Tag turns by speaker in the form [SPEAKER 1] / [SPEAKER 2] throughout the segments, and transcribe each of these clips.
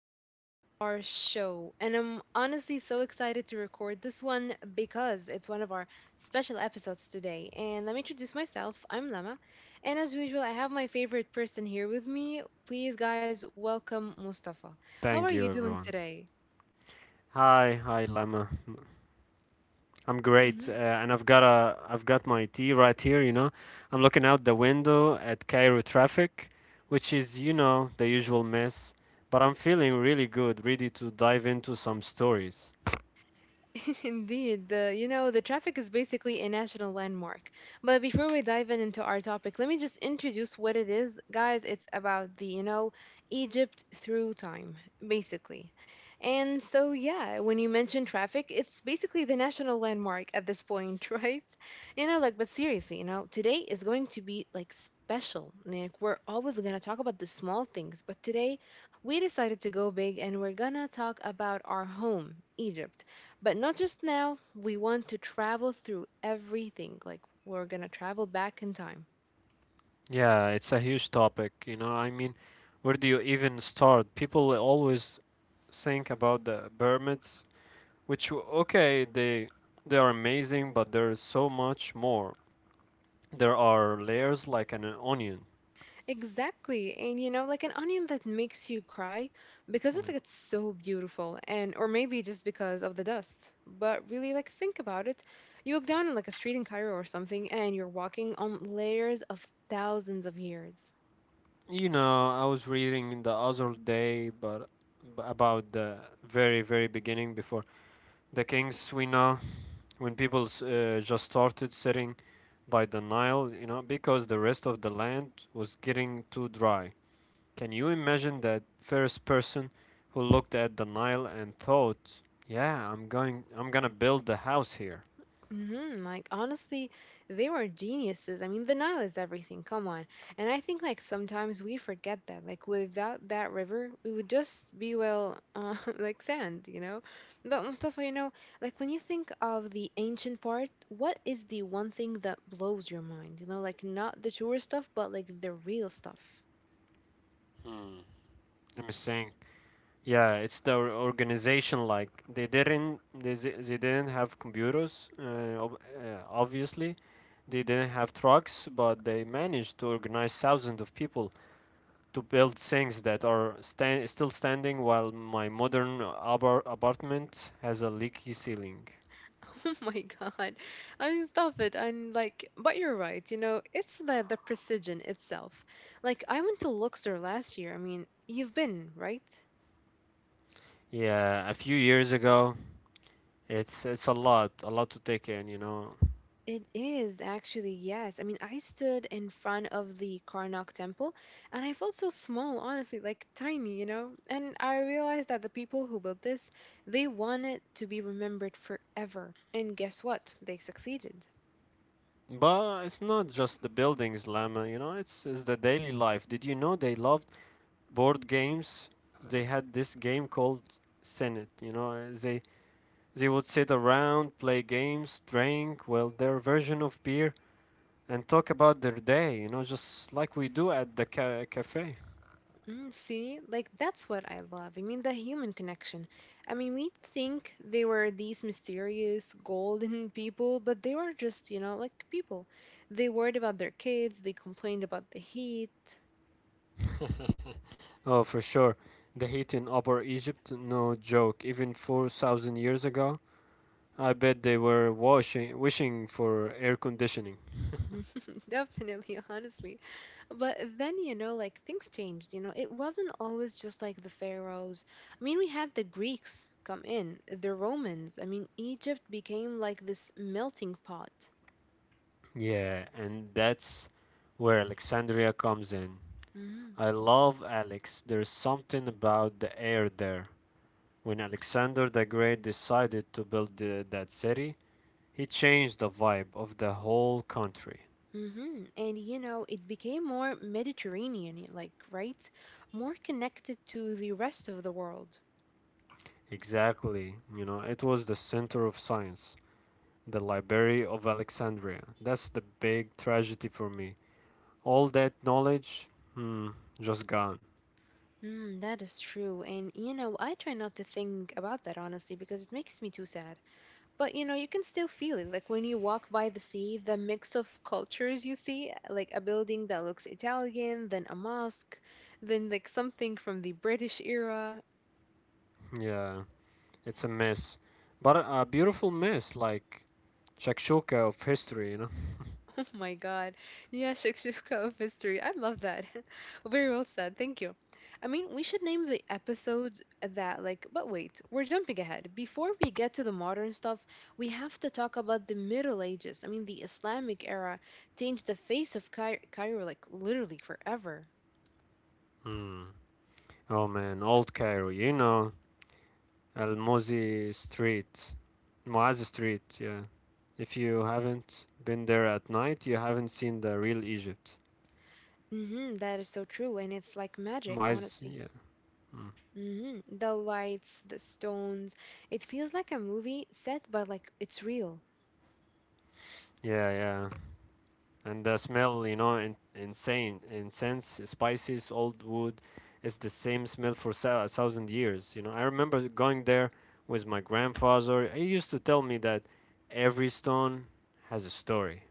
[SPEAKER 1] back to our show. And I'm honestly so excited to record this one because it's one of our special episodes today. And let me introduce myself. I'm Lama. And as usual, I have my favorite person here with me. Please, guys, welcome Mustafa. How are
[SPEAKER 2] Thank
[SPEAKER 1] you
[SPEAKER 2] you,
[SPEAKER 1] doing
[SPEAKER 2] everyone.
[SPEAKER 1] today?
[SPEAKER 2] Hi, Lemma. I'm
[SPEAKER 1] Mm-hmm.
[SPEAKER 2] great, and I've got my tea right here. I'm looking out the window at Cairo traffic, which is, you know, the usual mess. But I'm feeling really good, ready to dive into some stories.
[SPEAKER 1] Indeed, the traffic is basically a national landmark. But before we dive in into our topic, let me just introduce what it is. Guys, it's about Egypt through time, basically. And so, yeah, when you mention traffic, it's basically the national landmark at this point, right? But seriously, today is going to be like special. Like, we're always going to talk about the small things, but today we decided to go big and we're going to talk about our home, Egypt. But not just now, we want to travel through everything. Like, we're gonna travel back in time.
[SPEAKER 2] Yeah, it's a huge topic. I mean, where do you even start? People always think about the pyramids, okay, they are amazing, but there is so much more. There are layers like an onion.
[SPEAKER 1] Exactly. And you know, like an onion that makes you cry because of
[SPEAKER 2] Mm.
[SPEAKER 1] like it's so beautiful and or maybe just because of the dust. But really like think about it. You look down in like a street in Cairo or something and you're walking on layers of thousands of years.
[SPEAKER 2] You know, I was reading the other day, about the very beginning before the kings we know when just started sitting by the Nile, you know, because the rest of the land was getting too dry. Can you imagine that first person who looked at the Nile and thought, "Yeah, I'm gonna build the house here."
[SPEAKER 1] Like honestly, they were geniuses. I mean, the Nile is everything. Come on. And I think like sometimes we forget that. Like without that river, we would just be like sand, you know. But Mustafa, you know, like when you think of the ancient part, what is the one thing that blows your mind? You know, like not the tourist stuff, but like the real stuff.
[SPEAKER 2] I'm saying Yeah, it's the organization. They didn't have computers. Obviously, they didn't have trucks, but they managed to organize thousands of people to build things that are stand still standing. While my modern apartment has a leaky ceiling.
[SPEAKER 1] Oh my God. I mean, stop it. And like, but you're right. You know, it's the precision itself. Like, I went to Luxor last year. I mean, you've been, right?
[SPEAKER 2] Yeah, a few years ago, it's a lot to take in, you know.
[SPEAKER 1] It is actually, yes. I mean, I stood in front of the Karnak temple and I felt so small, honestly, like tiny, you know? And I realized that the people who built this, they want it to be remembered forever. And guess what? They succeeded.
[SPEAKER 2] But it's not just the buildings, Lama. It's the daily life. Did you know they loved board games, they had this game called Senate. You know, they would sit around, play games, drink well their version of beer, and talk about their day. You know, just like we do at the cafe.
[SPEAKER 1] Mm, see, like that's what I love. I mean, the human connection. I mean, we think they were these mysterious golden people, but they were just, you know, like people. They worried about their kids, they complained about the heat.
[SPEAKER 2] Oh, for sure. The heat in Upper Egypt, no joke. Even 4,000 years ago, I bet they were wishing for air conditioning.
[SPEAKER 1] Definitely, honestly. But then, you know, like things changed. You know, it wasn't always just like the pharaohs. I mean, we had the Greeks come in, the Romans. I mean, Egypt became like this melting pot.
[SPEAKER 2] Yeah, and that's where Alexandria comes in.
[SPEAKER 1] Mm-hmm.
[SPEAKER 2] I love Alex. There's something about the air there. When Alexander the Great decided to build that city, he changed the vibe of the whole country.
[SPEAKER 1] And you know, it became more Mediterranean, like, right? More connected to the rest of the world.
[SPEAKER 2] Exactly. You know, it was the center of science, the Library of Alexandria. That's the big tragedy for me. All that knowledge, hmm, just gone.
[SPEAKER 1] Mm, that is true. And you know, I try not to think about that honestly because it makes me too sad. But you know, you can still feel it. Like when you walk by the sea, the mix of cultures you see, like a building that looks Italian, then a mosque, then like something from the British era.
[SPEAKER 2] Yeah, it's a mess. But a beautiful mess, like shakshuka of history, you know?
[SPEAKER 1] Oh my God. Yeah, Shakshuka of History. I love that. Very well said. Thank you. I mean, we should name the episodes that, like, but wait, we're jumping ahead. Before we get to the modern stuff, we have to talk about the Middle Ages. I mean, the Islamic era changed the face of Cai- Cairo, like, literally forever.
[SPEAKER 2] Hmm. Oh man, old Cairo, you know, Al Muzi Street, Muaz Street. Yeah, if you haven't been there at night, you haven't seen the real Egypt.
[SPEAKER 1] Mm-hmm, that is so true. And it's like magic,
[SPEAKER 2] Muaz,
[SPEAKER 1] honestly.
[SPEAKER 2] yeah, mm.
[SPEAKER 1] Mm-hmm. The lights, the stones. It feels like a movie set, but like it's real.
[SPEAKER 2] Yeah. And the smell, insane, incense, spices, old wood. It's the same smell for a thousand years. You know, I remember going there with my grandfather. He used to tell me that every stone has a story.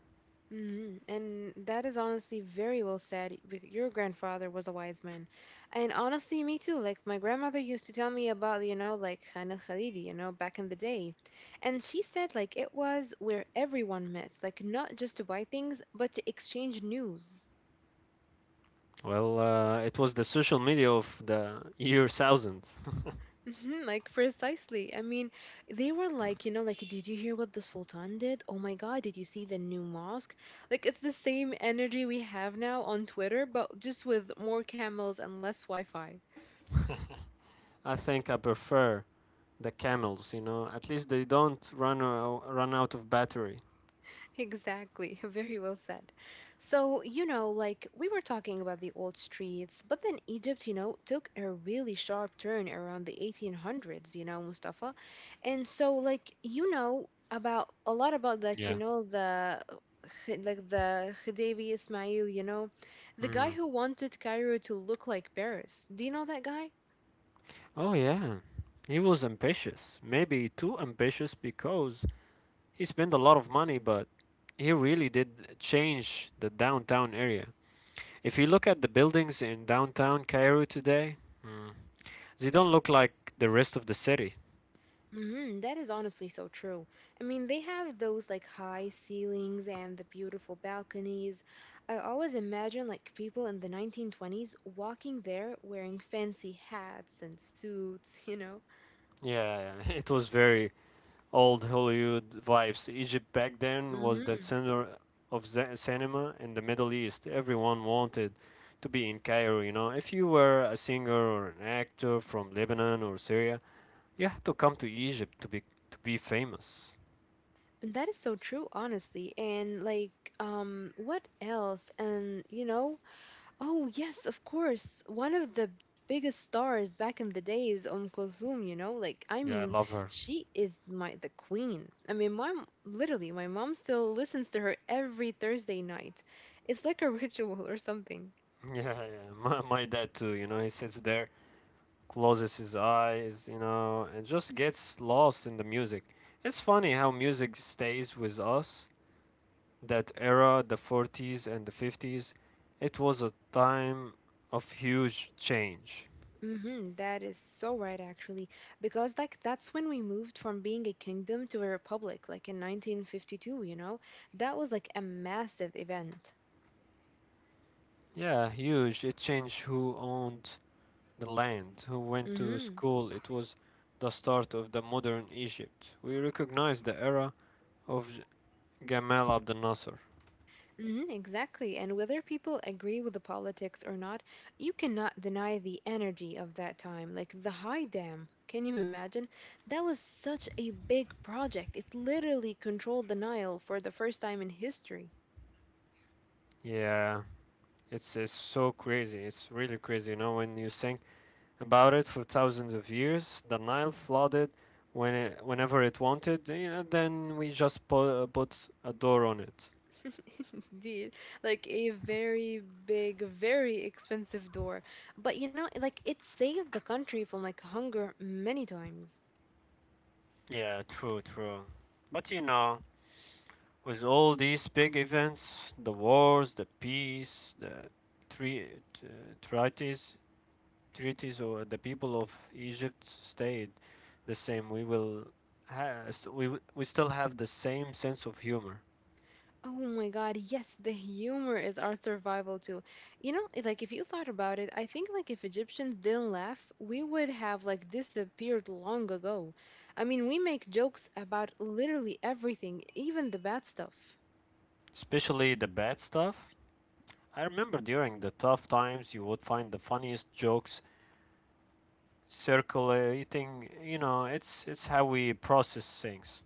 [SPEAKER 1] And that is honestly very well said. Your grandfather was a wise man. And honestly, me too. Like, my grandmother used to tell me about, you know, like Khan al Khalidi, you know, back in the day. And she said, like, it was where everyone met, like, not just to buy things, but to exchange news.
[SPEAKER 2] It was the social media of the year 1000.
[SPEAKER 1] Mhm, like precisely. I mean, they were like, you know, like, did you hear what the Sultan did? Oh my God, did you see the new mosque? Like, it's the same energy we have now on Twitter, but just with more camels and less Wi-Fi.
[SPEAKER 2] I think I prefer the camels. You know, at least they don't run out of battery.
[SPEAKER 1] Exactly. Very well said. So, you know, like we were talking about the old streets, but then Egypt, you know, took a really sharp turn around the 1800s, you know, Mustafa. And so, like, you know, about a lot about, like, you
[SPEAKER 2] Yeah.
[SPEAKER 1] know, the like the Khedive Ismail, you know, the guy
[SPEAKER 2] Hmm.
[SPEAKER 1] who wanted Cairo to look like Paris. Do you know that guy?
[SPEAKER 2] Oh yeah, he was ambitious. Maybe too ambitious because he spent a lot of money, but he really did change the downtown area. If you look at the buildings in downtown Cairo today, they don't look like the rest of the city.
[SPEAKER 1] Mhm, that is honestly so true. I mean, they have those like high ceilings and the beautiful balconies. I always imagine like people in the 1920s walking there wearing fancy hats and suits, you know.
[SPEAKER 2] Yeah, yeah, it was very old Hollywood vibes. Egypt back then was the
[SPEAKER 1] Mm-hmm.
[SPEAKER 2] center of cinema in the Middle East. Everyone wanted to be in Cairo, you know. If you were a singer or an actor from Lebanon or Syria, you had to come to Egypt to be famous.
[SPEAKER 1] That is so true, honestly. And like, what else? And you know, oh, yes, of course. One of the biggest stars back in the day is Kulthum, you know? Like, I
[SPEAKER 2] Yeah, I
[SPEAKER 1] mean,
[SPEAKER 2] love her.
[SPEAKER 1] she is my the queen. I mean, literally, my mom still listens to her every Thursday night. It's like a ritual or something.
[SPEAKER 2] Yeah. My dad too, you know. He sits there, closes his eyes, you know, and just gets lost in the music. It's funny how music stays with us that era, the 40s and the 50s, it was a time of huge change.
[SPEAKER 1] Mm-hmm, that is so right, actually. Because, like, that's when we moved from being a kingdom to a republic, like in 1952, you know? That was like a massive event.
[SPEAKER 2] Yeah, huge. It changed who owned the land, who went to
[SPEAKER 1] Mm-hmm.
[SPEAKER 2] school. It was the start of the modern Egypt. We recognize the era of Gamal Abdel Nasser.
[SPEAKER 1] Mhm, exactly. And whether people agree with the politics or not, you cannot deny the energy of that time. Like the High Dam, can you imagine? That was such a big project. It literally controlled the Nile for the first time in history.
[SPEAKER 2] Yeah, it's so crazy. It's really crazy. You know, when you think about it for thousands of years. The Nile flooded whenever it wanted, you know, then we just put a door on it.
[SPEAKER 1] Indeed. Like a very big, very expensive door. But you know, like it saved the country from like hunger many times.
[SPEAKER 2] Yeah, true. But you know, with all these big events, the wars, the peace, the tre- t- treaties, treaties, or the people of Egypt stayed the same. We will, ha- s- we w- We still have the same sense of humor,
[SPEAKER 1] Oh my God, yes, the humor is our survival too. You know, it- like if you thought about it, I think like if Egyptians didn't laugh, we would have like disappeared long ago. I mean, we make jokes about literally everything, even the bad stuff.
[SPEAKER 2] especially the bad stuff. I remember during the tough times, you would find the funniest jokes circulating. You know, it's how we process things.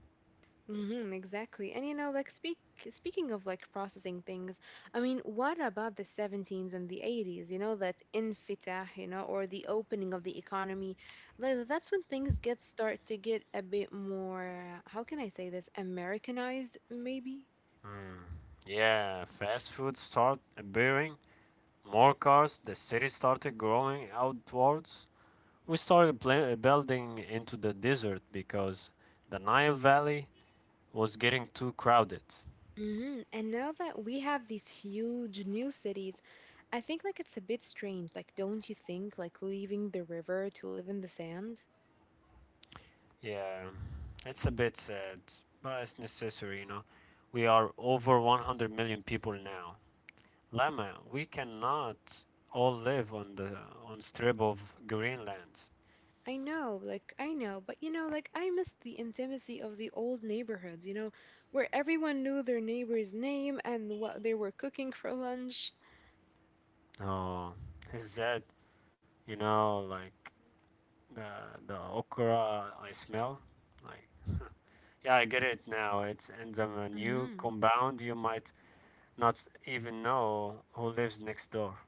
[SPEAKER 1] Mm-hmm, exactly. And you know, speaking of like processing things, I mean, what about the 70s and the 80s? You know, that infitah, you know, or the opening of the economy. Like that's when things get start to get a bit more, how can I say this, Americanized maybe?
[SPEAKER 2] Yeah, fast food start appearing, more cars, the city started growing outwards. We started building into the desert because the Nile Valley was getting too crowded.
[SPEAKER 1] Mm-hmm. And now that we have these huge new cities, I think like it's a bit strange, like don't you think, like leaving the river to live in the sand?
[SPEAKER 2] Yeah, it's a bit sad, but it's necessary, you know. We are over 100 million people now. Lama, we cannot all live on the on strip of Greenland.
[SPEAKER 1] I know, like, I know, but you know, like, I missed the intimacy of the old neighborhoods, you know, where everyone knew their neighbor's name and what they were cooking for lunch.
[SPEAKER 2] Oh, is that you know, like the the okra I smell, like yeah, I get it now. It's in the new
[SPEAKER 1] hmm
[SPEAKER 2] compound. You might not even know who lives next door.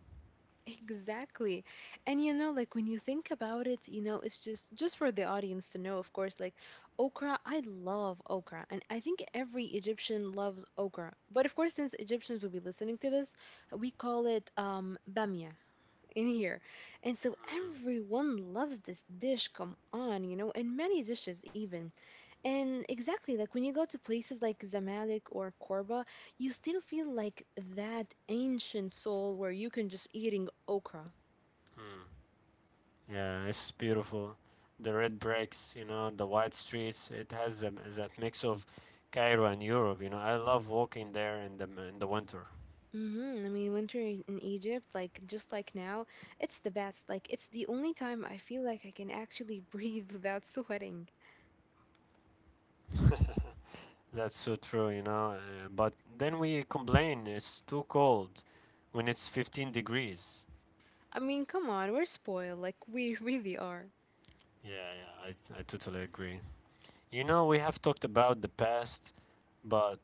[SPEAKER 1] Exactly. And you know, like, when you think about it, you know, it's just for the audience to know, of course, like, okra, I love okra, and I think every Egyptian loves okra. But of course, since Egyptians will be listening to this, we call it bamia. In here. And so everyone loves this dish, come on, you know, and many dishes even. And exactly, like when you go to places like Zamalek or Korba, you still feel like that ancient soul where you can just eating okra.
[SPEAKER 2] Yeah, it's beautiful. The red bricks, you know, the white streets. It has that mix of Cairo and Europe. You know, I love walking there in the winter.
[SPEAKER 1] I mean, winter in Egypt, like just like now, it's the best. Like it's the only time I feel like I can actually breathe without sweating.
[SPEAKER 2] That's so true, you know. But then we complain it's too cold when it's 15 degrees.
[SPEAKER 1] I mean, come on, we're spoiled. Like we really are.
[SPEAKER 2] Yeah, I totally agree. You know, we have talked about the past, but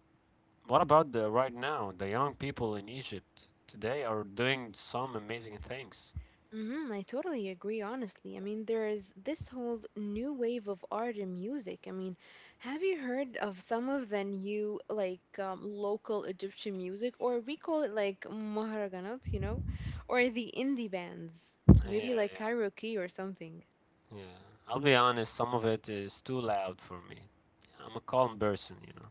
[SPEAKER 2] what about the right now? The young people in Egypt today are doing some amazing things.
[SPEAKER 1] I totally agree, honestly. I mean, there is this whole new wave of art and music. I mean, have you heard of some of the new, like, local Egyptian music, or we call it like Maharaganat, you know, or the indie bands,
[SPEAKER 2] Yeah,
[SPEAKER 1] maybe like
[SPEAKER 2] yeah,
[SPEAKER 1] karaoke or something?
[SPEAKER 2] yeah. I'll be honest, some of it is too loud for me. I'm a calm person, you know.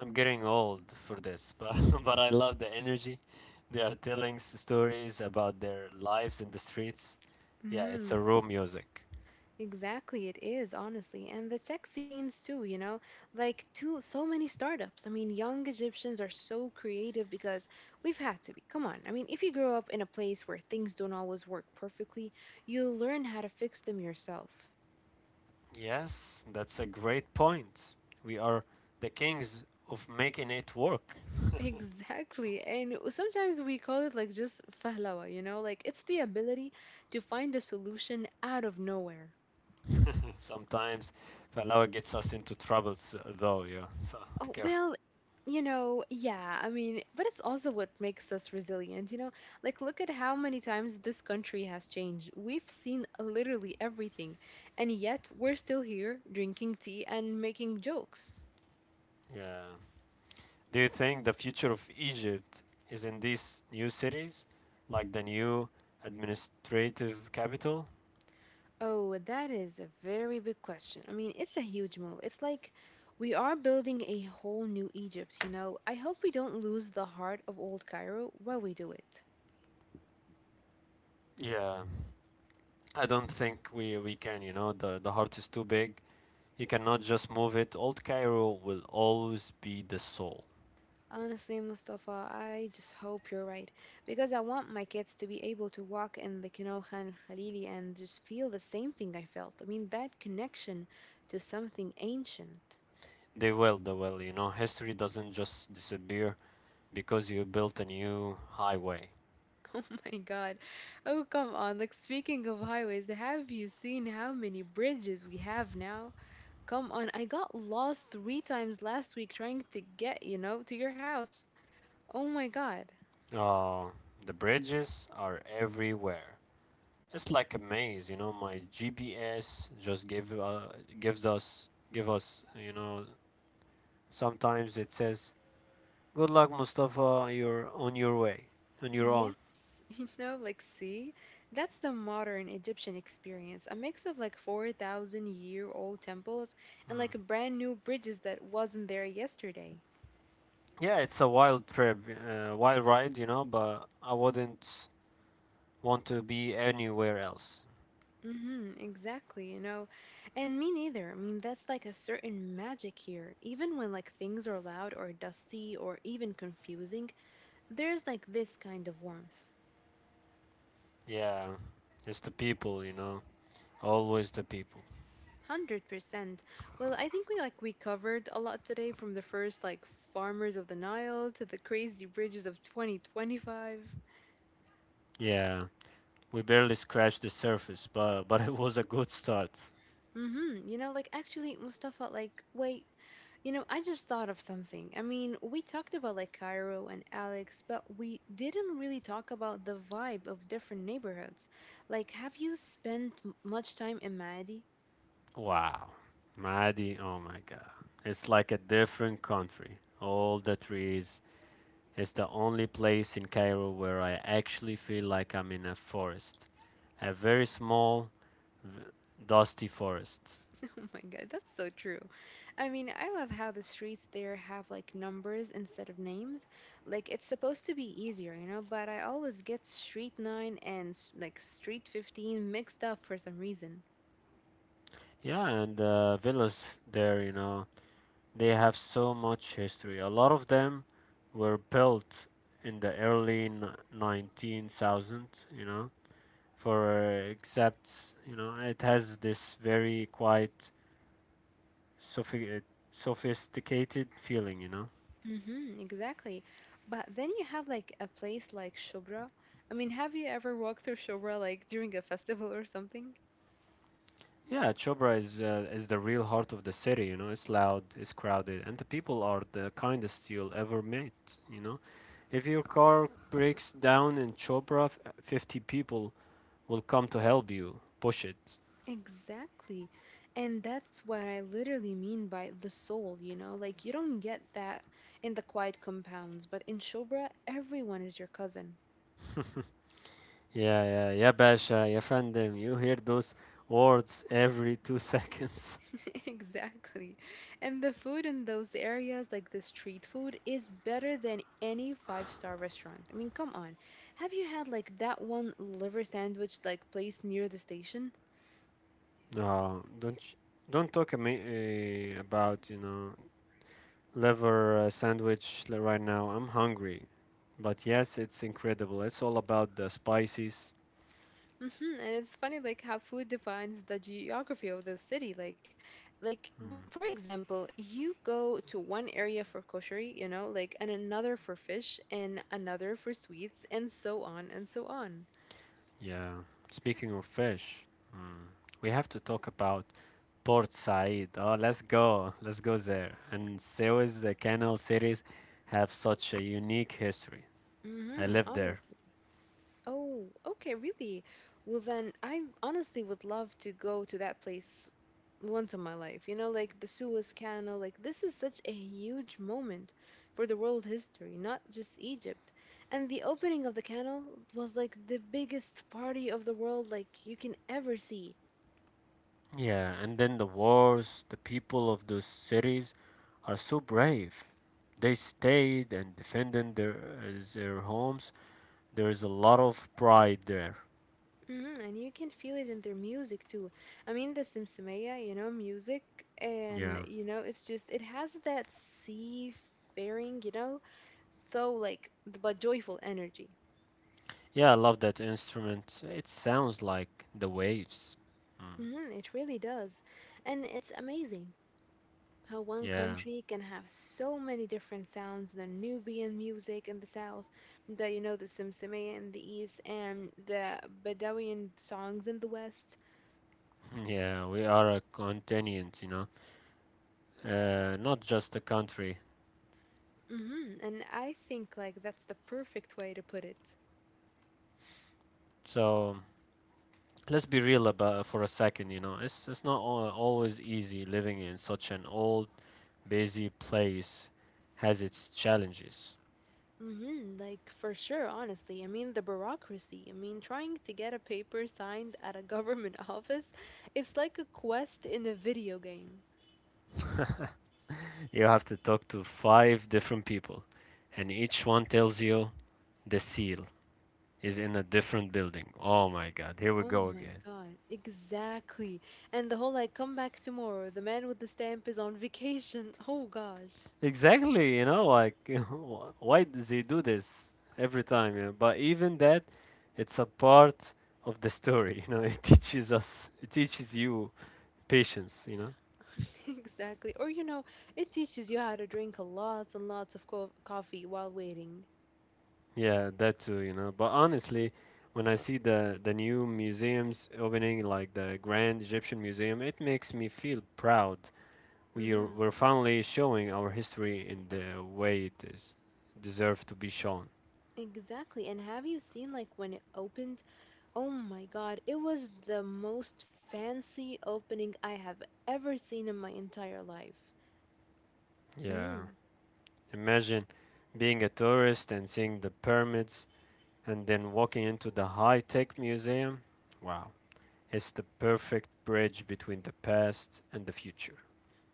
[SPEAKER 2] I'm getting old for this, but but I love the energy. They are telling stories about their lives in the streets. Yeah, it's a raw music.
[SPEAKER 1] Exactly, it is, honestly. And the tech scenes too, you know, like too so many startups. I mean, young Egyptians are so creative because we've had to be. Come on. I mean, if you grow up in a place where things don't always work perfectly, you'll learn how to fix them yourself.
[SPEAKER 2] Yes, that's a great point. We are the kings of making it work.
[SPEAKER 1] Exactly. And sometimes we call it like just fahlawa, you know, like it's the ability to find a solution out of nowhere.
[SPEAKER 2] Sometimes Palawa gets us into troubles, though. Yeah, so be
[SPEAKER 1] Oh,
[SPEAKER 2] careful.
[SPEAKER 1] well, you know, yeah, I mean, but it's also what makes us resilient, you know? Like, look at how many times this country has changed. We've seen literally everything, and yet we're still here drinking tea and making jokes.
[SPEAKER 2] Yeah. Do you think the future of Egypt is in these new cities, like the new administrative capital?
[SPEAKER 1] Oh, that is a very big question. I mean, it's a huge move. It's like we are building a whole new Egypt, you know? I hope we don't lose the heart of old Cairo while we do it.
[SPEAKER 2] Yeah, I don't think we can. You know, the heart is too big. You cannot just move it. Old Cairo will always be the soul.
[SPEAKER 1] Honestly, Mustafa, I just hope you're right because I want my kids to be able to walk in the Kinoha and Khalili and just feel the same thing I felt. I mean, that connection to something ancient.
[SPEAKER 2] They will. You know, history doesn't just disappear because you built a new highway.
[SPEAKER 1] Oh my God. Oh, come on. Speaking of highways, have you seen how many bridges we have now? Come on. I got lost three times last week trying to get, to your house. Oh my God.
[SPEAKER 2] Uh, the bridges are everywhere. It's like a maze, you know. My GPS just gave gives us give us, you know. Sometimes it says, "Good luck, Mustafa. You're on your way, On your
[SPEAKER 1] Yes,
[SPEAKER 2] own."
[SPEAKER 1] see, that's the modern Egyptian experience, a mix of 4,000 year old temples and like brand new bridges that wasn't there yesterday.
[SPEAKER 2] Yeah, it's a wild ride, you know, but I wouldn't want to be anywhere else.
[SPEAKER 1] Exactly, you know. And me neither. I mean, that's like a certain magic here. Even when like things are loud or dusty or even confusing, there's like this kind of warmth.
[SPEAKER 2] Yeah, it's the people, you know, always the people.
[SPEAKER 1] 100%. Well, I think we covered a lot today, from the first like farmers of the Nile to the crazy bridges of 2025.
[SPEAKER 2] Yeah, we barely scratched the surface, but but it was a good start.
[SPEAKER 1] Mhm. Actually, Mustafa, like wait, you know, I just thought of something. I mean, we talked about like Cairo and Alex, but we didn't really talk about the vibe of different neighborhoods. Like, have you spent much time in Maadi?
[SPEAKER 2] Wow, Mahdi, oh my God, it's like a different country. All the trees. It's the only place in Cairo where I actually feel like I'm in a forest, a very v- dusty forest.
[SPEAKER 1] Oh my God, that's so true. I mean, I love how the streets there have like numbers instead of names. Like, it's supposed to be easier, you know, but I always get Street 9 and like Street 15 mixed up for some reason.
[SPEAKER 2] Yeah, and villas there, you know, they have so much history. A lot of them were built in the early 19,000, you know, for except, you know, it has this very quite sophi- uh, sophisticated feeling, you know.
[SPEAKER 1] Mm-hmm, exactly. But then you have like a place like Shubra. I mean, have you ever walked through Shubra like during a festival or something?
[SPEAKER 2] Yeah, Chobra is the real heart of the city, you know. It's loud, it's crowded, and the people are the kindest you'll ever meet, you know. If your car breaks down in Chobra, 50 people will come to help you push it.
[SPEAKER 1] Exactly. And that's what I literally mean by the soul, you know? Like, you don't get that in the quiet compounds, but in Shobra, everyone is your cousin.
[SPEAKER 2] Yeah, Basha, yeah, fandom. You hear those words every 2 seconds.
[SPEAKER 1] Exactly. And the food in those areas, like the street food, is better than any five-star restaurant. I mean, come on. Have you had like that one liver sandwich like place near the station?
[SPEAKER 2] No, don't talk a me about you know liver sandwich right now. I'm hungry, but yes, it's incredible. It's all about the spices.
[SPEAKER 1] And it's funny, like how food defines the geography of the city. For example, you go to one area for koshery, and another for fish, and another for sweets, and so on and so on.
[SPEAKER 2] Yeah. Speaking of fish, mm, we have to talk about Port Said. Oh, let's go there. And Suez, the canal cities, have such a unique history. I
[SPEAKER 1] Mm-hmm.
[SPEAKER 2] live there.
[SPEAKER 1] Oh, okay, really? Well, then I honestly would love to go to that place once in my life. You know, like the Suez Canal, like this is such a huge moment for the world history, not just Egypt. And the opening of the canal was like the biggest party of the world like you can ever see.
[SPEAKER 2] Yeah, and then the wars, the people of those cities are so brave. They stayed and defended their homes. There is a lot of pride there.
[SPEAKER 1] And you can feel it in their music too. I mean, the Simsimaya, you know, music, and
[SPEAKER 2] Yeah.
[SPEAKER 1] you know, it's just it has that seafaring, you know, but joyful energy.
[SPEAKER 2] Yeah, I love that instrument. It sounds like the waves. Mm.
[SPEAKER 1] It really does. And it's amazing how one
[SPEAKER 2] Yeah.
[SPEAKER 1] country can have so many different sounds, the Nubian music in the south, the, you know, the Simsimaya in the east, and the Bedouin songs in the west.
[SPEAKER 2] Yeah, we are a continent, you know. Not just a country.
[SPEAKER 1] And I think like that's the perfect way to put it.
[SPEAKER 2] So let's be real about for a second, you know. It's not always easy living in such an old busy place has its challenges.
[SPEAKER 1] Mm-hmm, like for sure, honestly. I mean, the bureaucracy. I mean, trying to get a paper signed at a government office, it's like a quest in a video game.
[SPEAKER 2] You have to talk to five different people, and each one tells you the seal is in a different building. Oh my god, here we
[SPEAKER 1] Oh
[SPEAKER 2] go
[SPEAKER 1] my
[SPEAKER 2] again.
[SPEAKER 1] God, exactly. And the whole like, come back tomorrow. The man with the stamp is on vacation. Oh gosh.
[SPEAKER 2] Exactly, you know, like, why does he do this every time? You know? But even that, it's a part of the story, you know, it teaches you patience, you know.
[SPEAKER 1] Exactly. Or, you know, it teaches you how to drink lots and lots of co coffee while waiting.
[SPEAKER 2] Yeah, that too, you know. But honestly, when I see the new museums opening, like the Grand Egyptian Museum, it makes me feel proud. We are,
[SPEAKER 1] Mm-hmm.
[SPEAKER 2] we're finally showing our history in the way it is deserved to be shown.
[SPEAKER 1] Exactly. And have you seen like when it opened? Oh my God, it was the most fancy opening I have ever seen in my entire life.
[SPEAKER 2] Yeah. Imagine being a tourist and seeing the pyramids and then walking into the high-tech museum. Wow. It's the perfect bridge between the past and the future.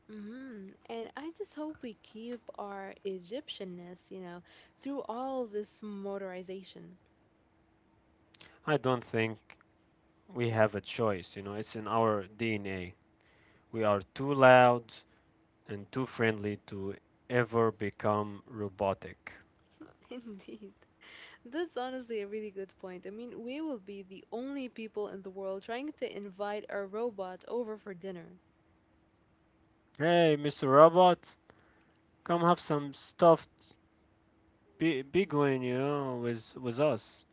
[SPEAKER 1] And I just hope we keep our Egyptianness, you know, through all this motorization.
[SPEAKER 2] I don't think we have a choice, you know, it's in our DNA. We are too loud and too friendly to ever become robotic.
[SPEAKER 1] Indeed. That's honestly a really good point. I mean, we will be the only people in the world trying to invite a robot over for dinner.
[SPEAKER 2] Hey, Mr. Robot, come have some stuffed biguin, you know, with us.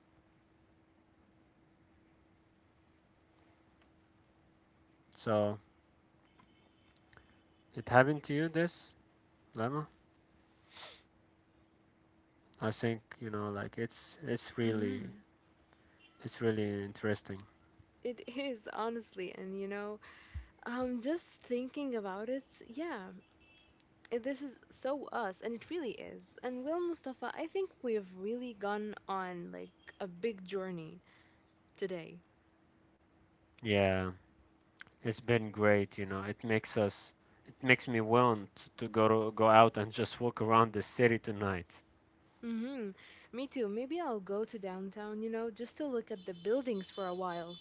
[SPEAKER 2] So it happened to you, this lemma. I think you know, like it's really
[SPEAKER 1] hmm
[SPEAKER 2] it's really interesting.
[SPEAKER 1] It is, honestly. And, just thinking about it, yeah, this is so us, and it really is. And, Will Mustafa, I think we've really gone on like a big journey today.
[SPEAKER 2] Yeah, it's been great. You know, it makes me want go out and just walk around the city tonight.
[SPEAKER 1] Mm-hmm. Me too. Maybe I'll go to downtown, you know, just to look at the buildings for a while.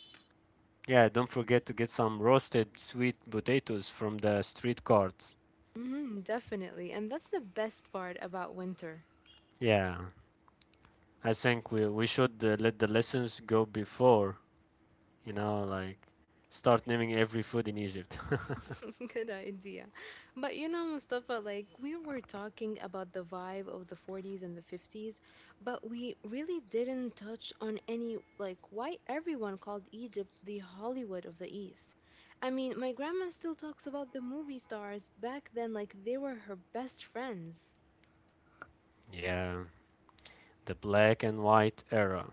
[SPEAKER 2] Yeah, don't forget to get some roasted sweet potatoes from the street carts.
[SPEAKER 1] Mm-hmm, definitely. And that's the best part about winter.
[SPEAKER 2] Yeah, I think we should let the lessons go before, you know, like start naming every food in Egypt.
[SPEAKER 1] Good idea. But you know, Mustafa, like we were talking about the vibe of the 40s and the 50s, but we really didn't touch on any, like, why everyone called Egypt the Hollywood of the East. I mean, my grandma still talks about the movie stars back then, like they were her best friends.
[SPEAKER 2] Yeah, the black and white era.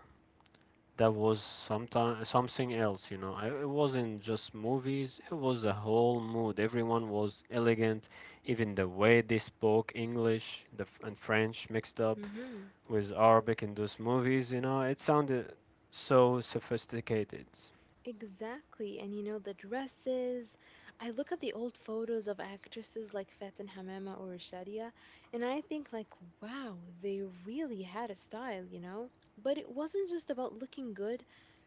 [SPEAKER 2] That was sometime something else, you know. It wasn't just movies, it was a whole mood. Everyone was elegant, even the way they spoke English and French mixed up
[SPEAKER 1] hmm
[SPEAKER 2] with Arabic in those movies, you know, it sounded so sophisticated.
[SPEAKER 1] Exactly. And you know, the dresses. I look at the old photos of actresses like Fatin Hamama or Shadia, and I think like, wow, they really had a style, you know? But it wasn't just about looking good.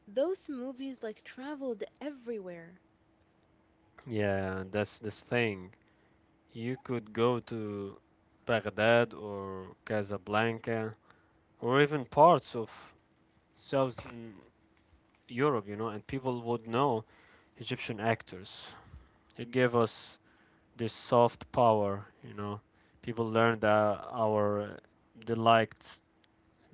[SPEAKER 1] Those movies like traveled everywhere.
[SPEAKER 2] Yeah, that's this thing. You could go to Baghdad or Casablanca or even parts of Southern Europe, you know, and people would know Egyptian actors. It gave us this soft power, you know. People learned our they liked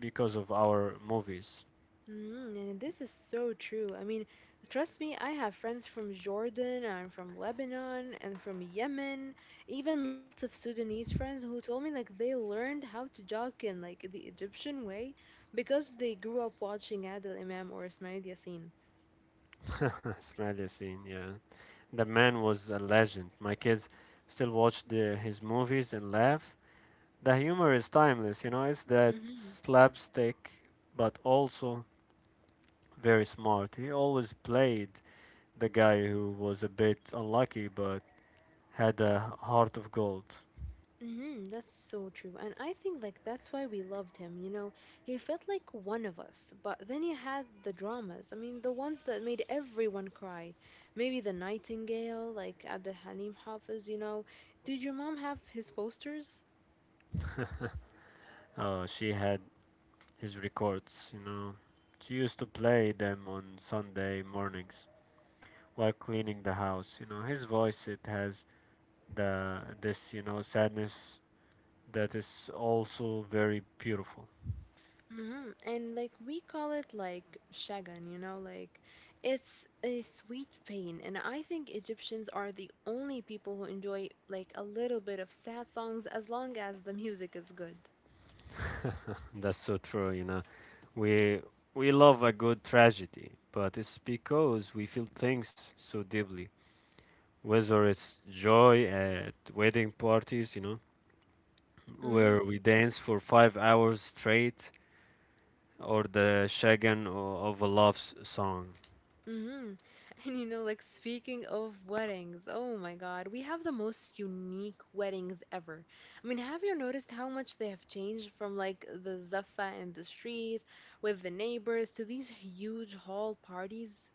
[SPEAKER 2] because of our movies.
[SPEAKER 1] Mm, and this is so true. I mean, trust me, I have friends from Jordan and from Lebanon and from Yemen, even lots of Sudanese friends who told me like they learned how to jog in like the Egyptian way because they grew up watching Adel Imam or Ismail Yassin.
[SPEAKER 2] Smiley scene, yeah. The man was a legend. My kids still watch his movies and laugh. The humor is timeless, you know, it's that slapstick, but also very smart. He always played the guy who was a bit unlucky but had a heart of gold.
[SPEAKER 1] That's so true. And I think like that's why we loved him, you know. He felt like one of us. But then you had the dramas. I mean, the ones that made everyone cry. Maybe The Nightingale, like Abdul Halim Hafiz, you know. Did your mom have his posters?
[SPEAKER 2] She had his records, you know. She used to play them on Sunday mornings while cleaning the house. You know, his voice it has the you know, sadness that is also very beautiful.
[SPEAKER 1] And like we call it like shagan, you know, like it's a sweet pain. And I think Egyptians are the only people who enjoy like a little bit of sad songs as long as the music is good.
[SPEAKER 2] That's so true, you know. We we love a good tragedy, but it's because we feel things so deeply. Whether it's joy at wedding parties, you know, where we dance for five hours straight, or the shagan of a love song.
[SPEAKER 1] Mm-hmm. And you know, like speaking of weddings, oh my God, we have the most unique weddings ever. I mean, have you noticed how much they have changed from like the zuffa in the street with the neighbors to these huge hall parties?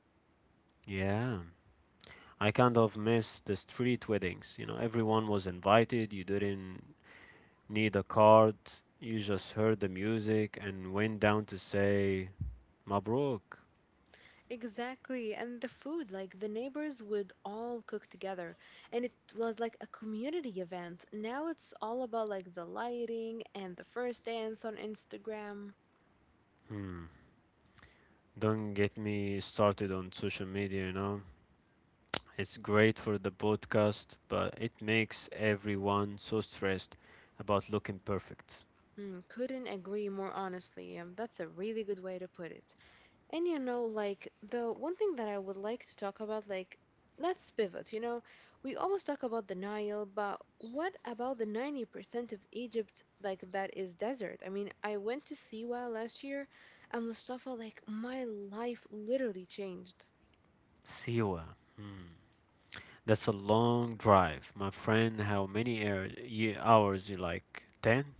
[SPEAKER 2] Yeah, I kind of miss the street weddings. You know, everyone was invited. You didn't need a card. You just heard the music and went down to say, Mabruk.
[SPEAKER 1] Exactly. And the food, like the neighbors would all cook together. And it was like a community event. Now it's all about like the lighting and the first dance on Instagram.
[SPEAKER 2] Hmm. Don't get me started on social media, you know? It's great for the podcast, but it makes everyone so stressed about looking perfect.
[SPEAKER 1] Hmm, couldn't agree more honestly. That's a really good way to put it. And you know, like the one thing that I would like to talk about, like let's pivot. You know, we always talk about the Nile, but what about the 90% of Egypt, like that is desert? I mean, I went to Siwa last year, and Mustafa, like my life literally changed.
[SPEAKER 2] Siwa. Hmm. That's a long drive. My friend, how many hours you like? 10?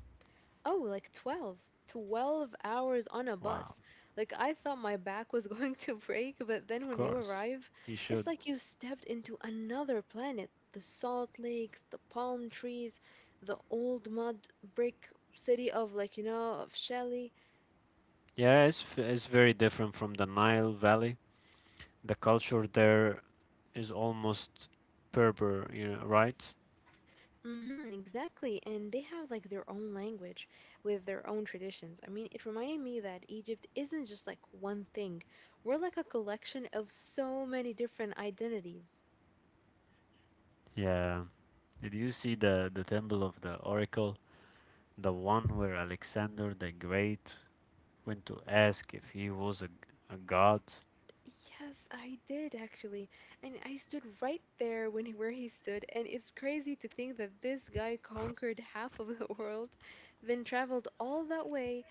[SPEAKER 1] Oh, like 12 hours on a
[SPEAKER 2] Wow.
[SPEAKER 1] bus. Like I thought my back was going to break, but then
[SPEAKER 2] Of
[SPEAKER 1] when you
[SPEAKER 2] course.
[SPEAKER 1] arrive,
[SPEAKER 2] You
[SPEAKER 1] it's
[SPEAKER 2] should.
[SPEAKER 1] like you stepped into another planet. The salt lakes, the palm trees, the old mud brick city of, like, you know, of Shelley.
[SPEAKER 2] Yeah, it's very different from the Nile Valley. The culture there is almost Berber, you know, right?
[SPEAKER 1] Mm-hmm, exactly. And they have like their own language with their own traditions. I mean, it reminded me that Egypt isn't just like one thing. We're like a collection of so many different identities.
[SPEAKER 2] Yeah. Did you see the temple of the oracle, the one where Alexander the Great went to ask if he was a god?
[SPEAKER 1] Yes, I did actually. And I stood right there where he stood, and it's crazy to think that this guy conquered half of the world, then traveled all that way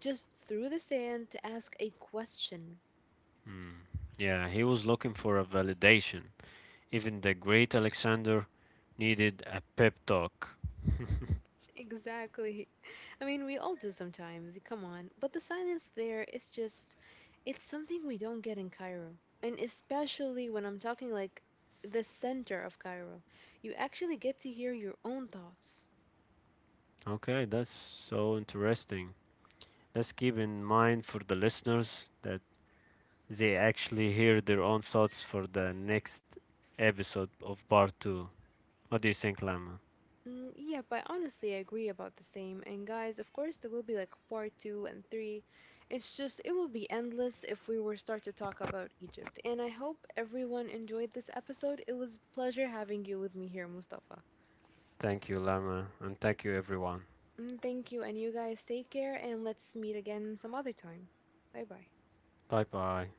[SPEAKER 1] just through the sand to ask a question.
[SPEAKER 2] Yeah, he was looking for a validation. Even the great Alexander needed a pep talk.
[SPEAKER 1] Exactly. I mean, we all do sometimes, come on. But the silence there is just, it's something we don't get in Cairo. And especially when I'm talking like the center of Cairo, you actually get to hear your own thoughts.
[SPEAKER 2] Okay, that's so interesting. Let's keep in mind for the listeners that they actually hear their own thoughts for the next episode of part 2. What do you think, Lama?
[SPEAKER 1] Mm, yep, I honestly agree about the same. And guys, of course, there will be like part two and three. It's just, it will be endless if we were start to talk about Egypt. And I hope everyone enjoyed this episode. It was pleasure having you with me here, Mustafa.
[SPEAKER 2] Thank you, Lama, and thank you, everyone.
[SPEAKER 1] Mm, thank you, and you guys take care, and let's meet again some other time. Bye bye.
[SPEAKER 2] Bye bye.